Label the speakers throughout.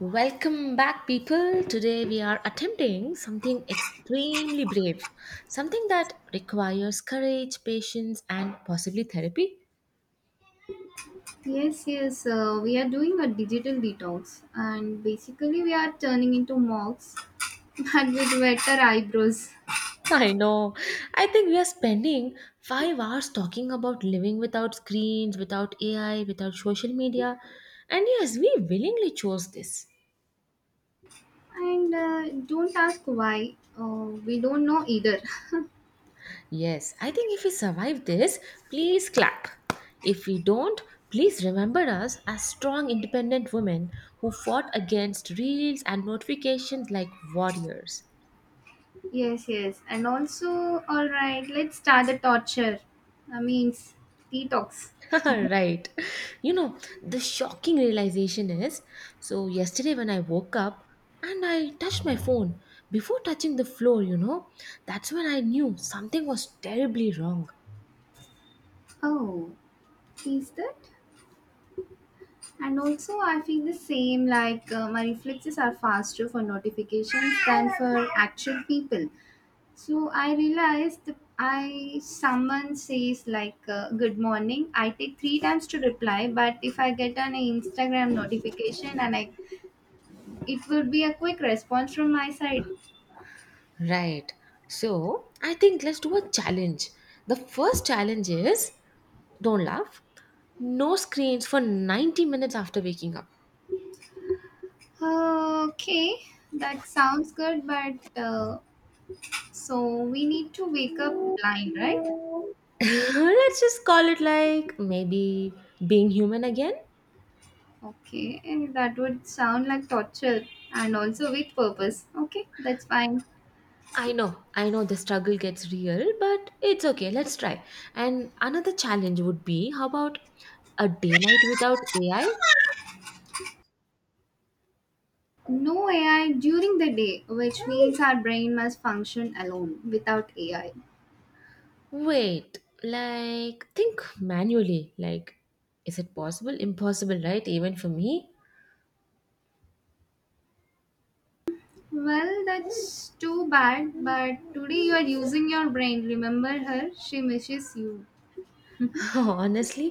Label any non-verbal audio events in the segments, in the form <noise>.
Speaker 1: Welcome back, people. Today we are attempting something extremely brave, something that requires courage, patience, and possibly therapy.
Speaker 2: Yes, yes. We are doing a digital detox, and basically we are turning into monks, <laughs> but with wetter eyebrows.
Speaker 1: <laughs> I know. I think we are spending 5 hours talking about living without screens, without AI, without social media. And yes, we willingly chose this.
Speaker 2: And don't ask why. We don't know either.
Speaker 1: Yes, I think if we survive this, please clap. If we don't, please remember us as strong, independent women who fought against reels and notifications like warriors.
Speaker 2: <laughs> yes, yes. And also, all right. Let's start the torture. I mean, detox.
Speaker 1: <laughs> Right. You know, the shocking realization is so, yesterday when I woke up and I touched my phone before touching the floor, you know, that's when I knew something was terribly wrong.
Speaker 2: Oh, is that? And also, I feel the same. Like my reflexes are faster for notifications than for actual people. So I realized that I someone says like good morning. I take 3 times to reply, but if I get an Instagram notification and I, it will be a quick response from my side.
Speaker 1: Right. So I think let's do a challenge. The first challenge is don't laugh, no screens for 90 minutes after waking up.
Speaker 2: Okay, that sounds good, but so we need to wake up blind, right?
Speaker 1: <laughs> Let's just call it like maybe being human again.
Speaker 2: Okay, and that would sound like torture and also with purpose. Okay, that's fine.
Speaker 1: I know, the struggle gets real, but it's okay, let's try. And another challenge would be, how about a daylight without ai?
Speaker 2: No AI during the day, which means our brain must function alone without AI.
Speaker 1: Wait, like think manually, like is it possible? Impossible, right? Even for me.
Speaker 2: Well, that's too bad, but today you are using your brain. Remember her, she misses you. <laughs>
Speaker 1: <laughs> Honestly,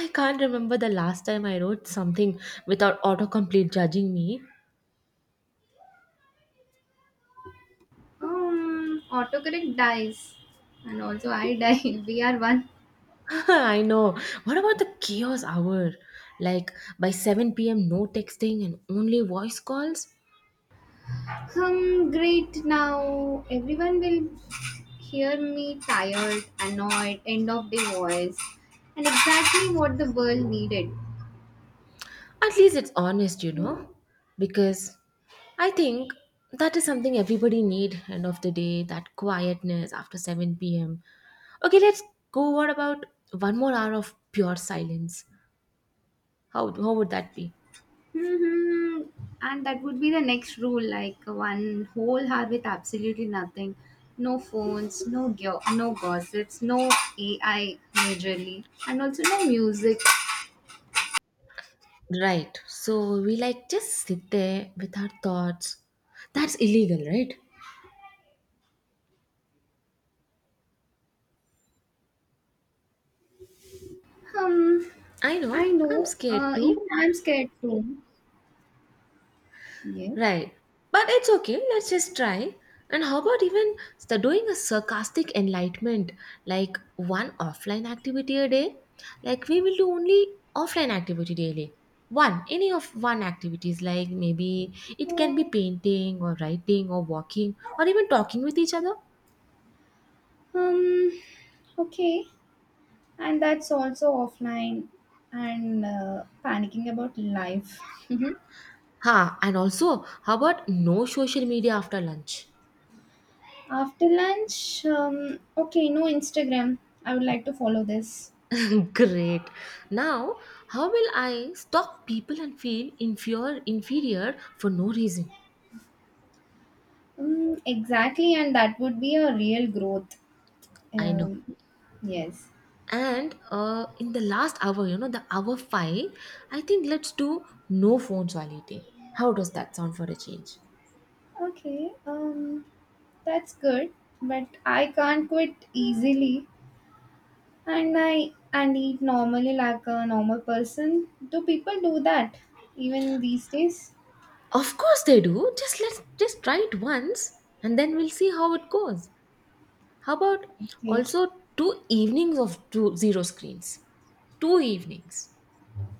Speaker 1: I can't remember the last time I wrote something without autocomplete judging me.
Speaker 2: autocorrect dies, and also I die. <laughs> We are one.
Speaker 1: <laughs> I know. What about the chaos hour? Like by 7 p.m., no texting and only voice calls?
Speaker 2: Great. Now everyone will hear me tired, annoyed, end of the voice, and exactly what the world needed.
Speaker 1: At least it's honest, you know? Because I think that is something everybody need end of the day, that quietness after 7 pm. Okay, let's go. What about one more hour of pure silence? How would that be?
Speaker 2: Hmm And that would be the next rule, like one whole hour with absolutely nothing. No phones, no gossips, no AI majorly, and also no music.
Speaker 1: Right. So we like just sit there with our thoughts. That's illegal, right?
Speaker 2: Um,
Speaker 1: I
Speaker 2: I
Speaker 1: know. I'm
Speaker 2: know.
Speaker 1: scared too.
Speaker 2: Even I'm scared too. Yes.
Speaker 1: Right. But it's okay, let's just try. And how about even doing a sarcastic enlightenment, like one offline activity a day? Like we will do only offline activity daily. One, any of one activities, like maybe it can be painting or writing or walking or even talking with each other.
Speaker 2: Um, okay. And that's also offline and panicking about life. <laughs>
Speaker 1: Ha, and also, how about no social media after lunch?
Speaker 2: After lunch, okay, no Instagram. I would like to follow this.
Speaker 1: <laughs> Great. Now, how will I stalk people and feel inferior for no reason?
Speaker 2: Mm, exactly, and that would be a real growth.
Speaker 1: I know.
Speaker 2: Um, yes.
Speaker 1: And in the last hour, you know, the hour five, I think let's do no phones while eating. How does that sound for a change?
Speaker 2: Okay. That's good, but I can't quit easily, and I and eat normally like a normal person. Do people do that even these days?
Speaker 1: Of course they do. Just let's just try it once, and then we'll see how it goes. How about
Speaker 2: Okay.
Speaker 1: also two evenings of 20 screens, two evenings.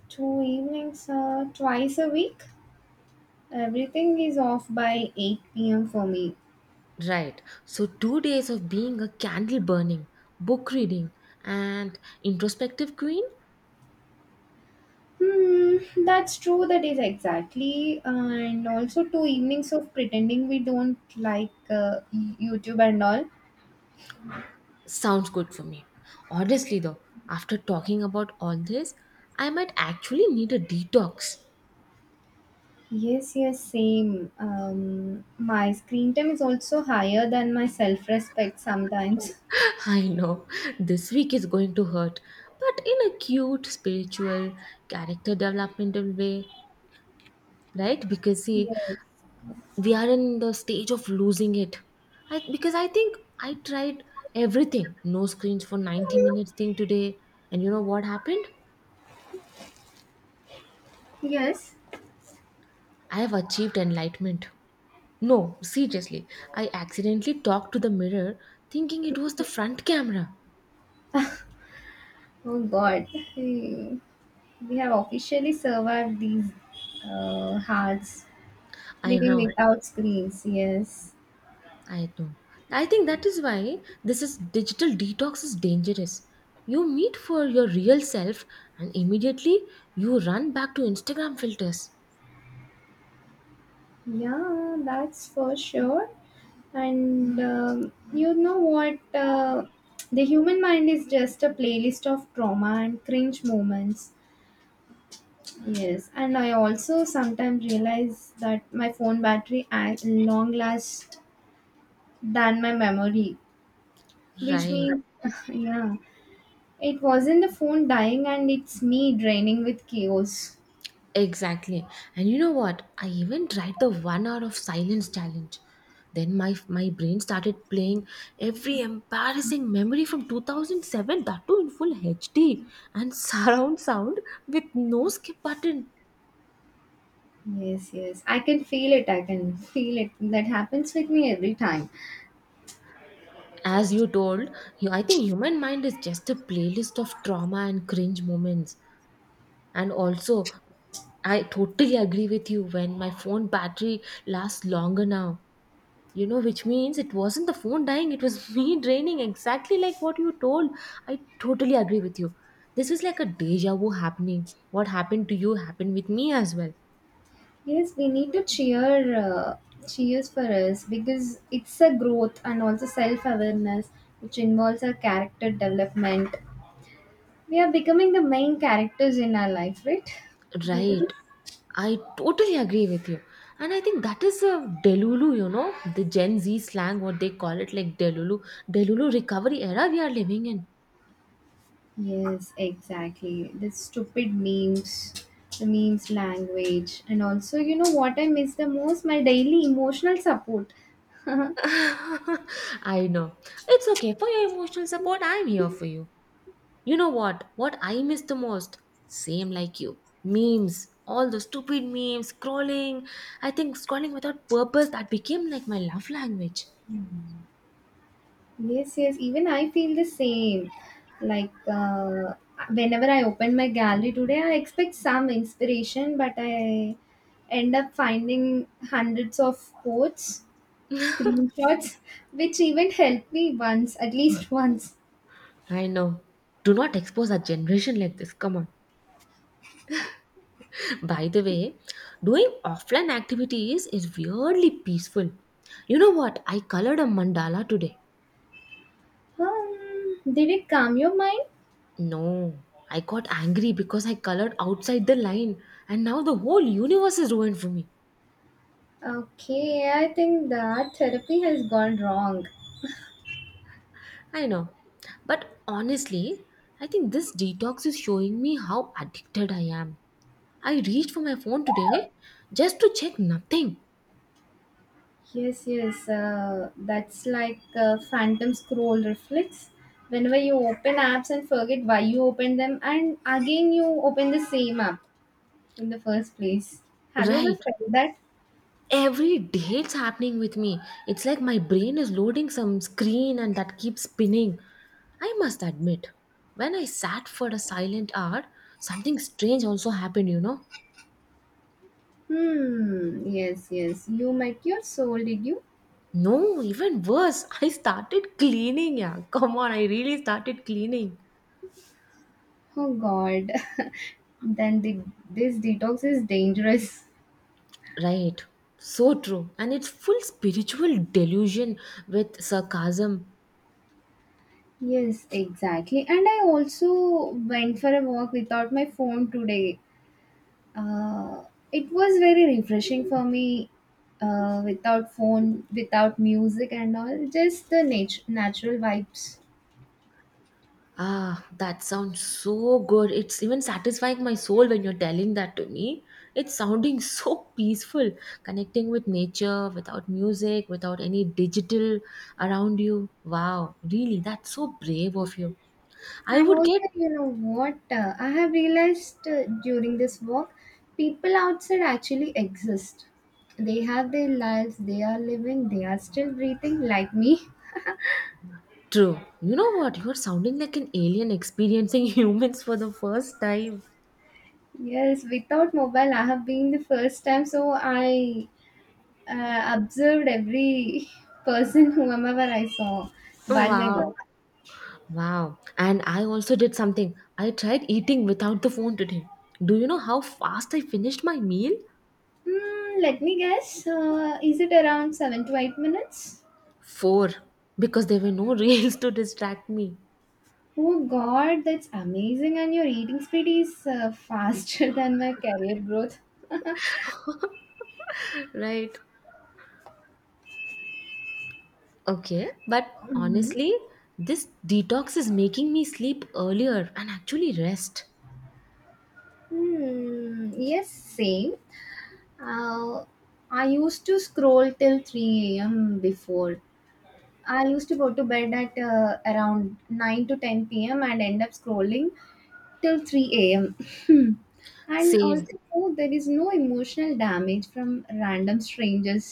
Speaker 2: Two evenings, twice a week. Everything is off by 8 p.m. for me.
Speaker 1: Right. So, 2 days of being a candle burning, book reading, and introspective queen.
Speaker 2: Hmm, that's true. That is exactly, and also two evenings of pretending we don't like YouTube and all.
Speaker 1: Sounds good for me. Honestly, though, after talking about all this, I might actually need a detox.
Speaker 2: Yes, yes, same. My screen time is also higher than my self-respect sometimes.
Speaker 1: <laughs> I know, this week is going to hurt, but in a cute, spiritual, character developmental way, right? Because see,
Speaker 2: Yes.
Speaker 1: we are in the stage of losing it. I, because I think I tried everything, no screens for 90 minutes thing today, and you know what happened?
Speaker 2: Yes.
Speaker 1: I have achieved enlightenment. No, seriously, I accidentally talked to the mirror thinking it was the front camera.
Speaker 2: Oh God. Hmm. We have officially survived these hearts
Speaker 1: I
Speaker 2: living
Speaker 1: know,
Speaker 2: without screens. Yes.
Speaker 1: I know. I think that is why this is digital detox is dangerous. You meet for your real self and immediately you run back to Instagram filters.
Speaker 2: Yeah, that's for sure. And you know what? The human mind is just a playlist of trauma and cringe moments. Yes, and I also sometimes realize that my phone battery act long lasts than my memory, which
Speaker 1: Right.
Speaker 2: means, <laughs> yeah, it wasn't the phone dying and it's me draining with chaos.
Speaker 1: Exactly. And you know what? I even tried the 1 hour of silence challenge. Then my brain started playing every embarrassing memory from 2007, that too in full HD and surround sound with no skip button.
Speaker 2: Yes, yes, I can feel it. I can feel it. That happens with me every time.
Speaker 1: As you told, you, I think human mind is just a playlist of trauma and cringe moments. And also, I totally agree with you when my phone battery lasts longer now. You know, which means it wasn't the phone dying, it was <laughs> me draining, exactly like what you told. I totally agree with you. This is like a deja vu happening. What happened to you happened with me as well.
Speaker 2: Yes, we need to cheer cheers for us because it's a growth and also self awareness, which involves our character development. We are becoming the main characters in our life, right? Due to
Speaker 1: Right.
Speaker 2: this.
Speaker 1: I totally agree with you. And I think that is a Delulu, you know, the Gen Z slang, what they call it, like Delulu, Delulu recovery era we are living in.
Speaker 2: Yes, exactly. The stupid memes, the memes language, and also, you know what I miss the most? My daily emotional support. <laughs>
Speaker 1: <laughs> I know. It's okay. For your emotional support, I'm here for you. You know what? What I miss the most? Same like you. Memes. All the stupid memes, scrolling. I think scrolling without purpose that became like my love language.
Speaker 2: Yes, yes. Even I feel the same. Like whenever I open my gallery today, I expect some inspiration, but I end up finding hundreds of quotes, screenshots, which even helped me once, at least <laughs> once.
Speaker 1: I know. Do not expose our generation like this. Come on. <laughs> By the way, doing offline activities is weirdly peaceful. You know what? I colored a mandala today.
Speaker 2: Did it calm your mind?
Speaker 1: No, I got angry because I colored outside the line, and now the whole universe is ruined for me.
Speaker 2: Okay, I think that therapy has gone wrong.
Speaker 1: I know. But honestly, I think this detox is showing me how addicted I am. I reached for my phone today just to check nothing.
Speaker 2: Yes, yes. That's like phantom scroll reflex. Whenever you open apps and forget why you opened them, and again you open the same app in the first place. Have you ever
Speaker 1: Right.
Speaker 2: felt that?
Speaker 1: Every day it's happening with me. It's like my brain is loading some screen and that keeps spinning. I must admit, when I sat for a silent hour, something strange also happened, you know.
Speaker 2: Hmm. Yes, yes. You met your soul, did you?
Speaker 1: No, even worse, I started cleaning. Yeah, come on, I really started cleaning.
Speaker 2: Oh God. <laughs> then the, this detox is dangerous.
Speaker 1: Right. So true. And it's full spiritual delusion with sarcasm.
Speaker 2: Yes, exactly. And I also went for a walk without my phone today. Uh, it was very refreshing for me without phone, without music and all, just the natural vibes.
Speaker 1: Ah, that sounds so good. It's even satisfying my soul when you're telling that to me. It's sounding <laughs> so peaceful, connecting with nature without music, without any digital around you. Wow, really, that's so brave of you. I
Speaker 2: And
Speaker 1: would
Speaker 2: also,
Speaker 1: get
Speaker 2: you know what, I have realized during this walk, people outside actually exist. They have their lives, they are living, they are still breathing like me.
Speaker 1: true. You know what? You're sounding like an alien experiencing <laughs> humans for the first time.
Speaker 2: Yes, without mobile, I have been the first time, so I observed every <laughs> person, whomever I saw, while my
Speaker 1: Wow.
Speaker 2: walk.
Speaker 1: Wow. And I also did something. I tried eating without the phone today. Do you know how fast I finished my meal?
Speaker 2: Hmm, let me guess. Is it around 7 to 8 minutes?
Speaker 1: Four. Because there were no <laughs> reels to distract me.
Speaker 2: Oh God, that's amazing! And your eating speed is faster <laughs> than my career growth. <laughs>
Speaker 1: Right. Okay. But
Speaker 2: Mhm.
Speaker 1: honestly, this detox is making me sleep earlier and actually rest.
Speaker 2: Hmm. Yes, same. Uh, I used to scroll till 3 a.m. before. I used to go to bed at around 9 to 10 p.m. and end up scrolling till 3 a.m. Hmm. And
Speaker 1: Same.
Speaker 2: also, oh, there is no emotional damage from random strangers.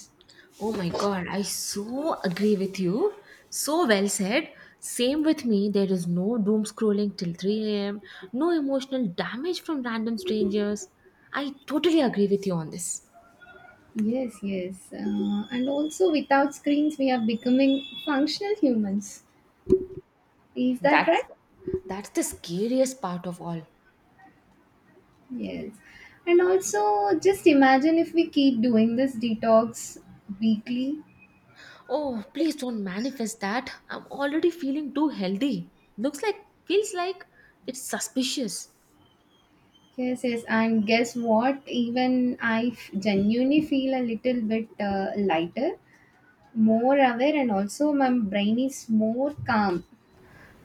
Speaker 1: Oh my God, I so agree with you. So well said. Same with me. There is no doom scrolling till 3 a.m., no emotional damage from random strangers. I totally agree with you on this.
Speaker 2: Yes, yes. And also, without screens, we are becoming functional humans. Is that
Speaker 1: That's
Speaker 2: right?
Speaker 1: that's the scariest part of all.
Speaker 2: Yes. And also, just imagine if we keep doing this detox weekly.
Speaker 1: Oh, please don't manifest that. I'm already feeling too healthy. Looks like, feels like it's suspicious.
Speaker 2: Yes, yes. And guess what? Even genuinely feel a little bit lighter, more aware, and also my brain is more calm.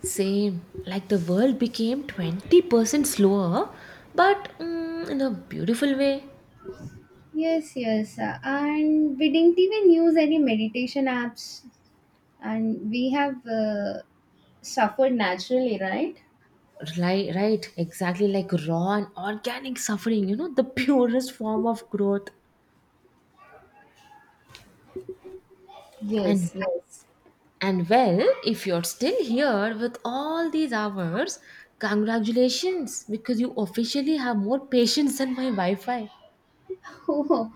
Speaker 1: Same, like the world became 20% slower, but mm, in a beautiful way.
Speaker 2: Yes, yes. And we didn't even use any meditation apps, and we have suffered naturally, right?
Speaker 1: Right, right, exactly like raw and organic suffering, you know, the <laughs> purest form of growth. And
Speaker 2: Yes, yes.
Speaker 1: and well, if you're still here with all these hours, congratulations because you officially have more patience than my Wi-Fi.
Speaker 2: <laughs> Oh,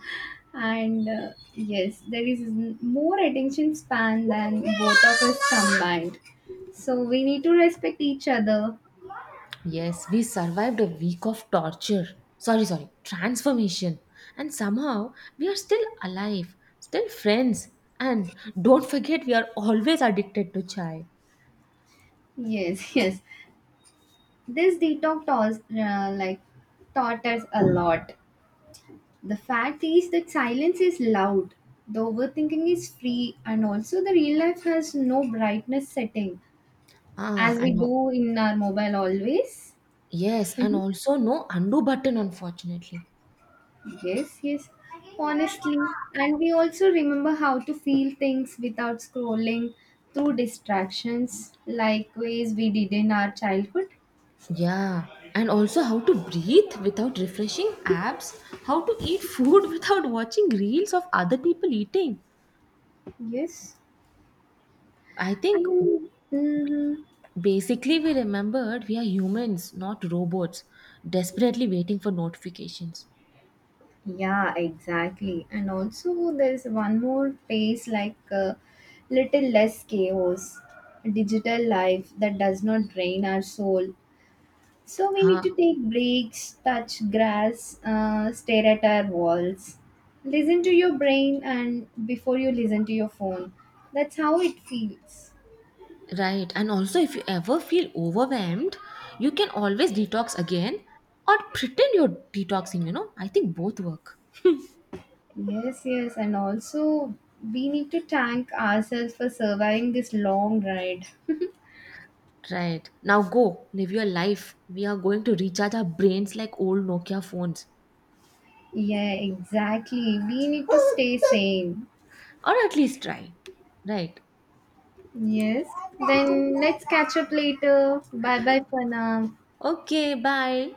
Speaker 2: and yes, there is more attention span than both of us combined. So we need to respect each other.
Speaker 1: Yes, we survived a week of torture. Sorry, transformation. And somehow we are still alive, still friends. And don't forget, we are always addicted to chai.
Speaker 2: Yes, <laughs> yes. This detox taught, taught us a lot. The fact is that silence is loud, the overthinking is free, and also the real life has no brightness setting
Speaker 1: Ah,
Speaker 2: as
Speaker 1: I
Speaker 2: we
Speaker 1: know.
Speaker 2: do in our mobile always.
Speaker 1: Yes, and
Speaker 2: Mhm.
Speaker 1: also no undo button, unfortunately.
Speaker 2: Yes, yes, honestly. And we also remember how to feel things without scrolling through distractions like ways we did in our childhood.
Speaker 1: Yeah, and also how to breathe without refreshing apps, how to eat food <laughs> without watching reels of other people eating.
Speaker 2: Yes.
Speaker 1: I think
Speaker 2: And, mhm.
Speaker 1: basically we remembered we are humans, not robots, desperately waiting for notifications.
Speaker 2: Yeah, exactly. And also, there's one more phase like a little less chaos, digital life that does not drain our soul. So we need
Speaker 1: Huh,
Speaker 2: to take breaks, touch grass, stare at our walls, listen to your brain, and before you listen to your phone. That's how it feels.
Speaker 1: right. And also, if you ever feel overwhelmed, you can always detox again or pretend you're detoxing, you know. I think both work.
Speaker 2: Yes, yes. And also, we need to thank ourselves for surviving this long ride. <laughs>
Speaker 1: Right. Now go, live your life. We are going to recharge our brains like old Nokia phones.
Speaker 2: Yeah, exactly. We need to stay sane.
Speaker 1: Or at least try. Right.
Speaker 2: Yes. Then let's catch up later. Bye bye for now.
Speaker 1: Okay, bye.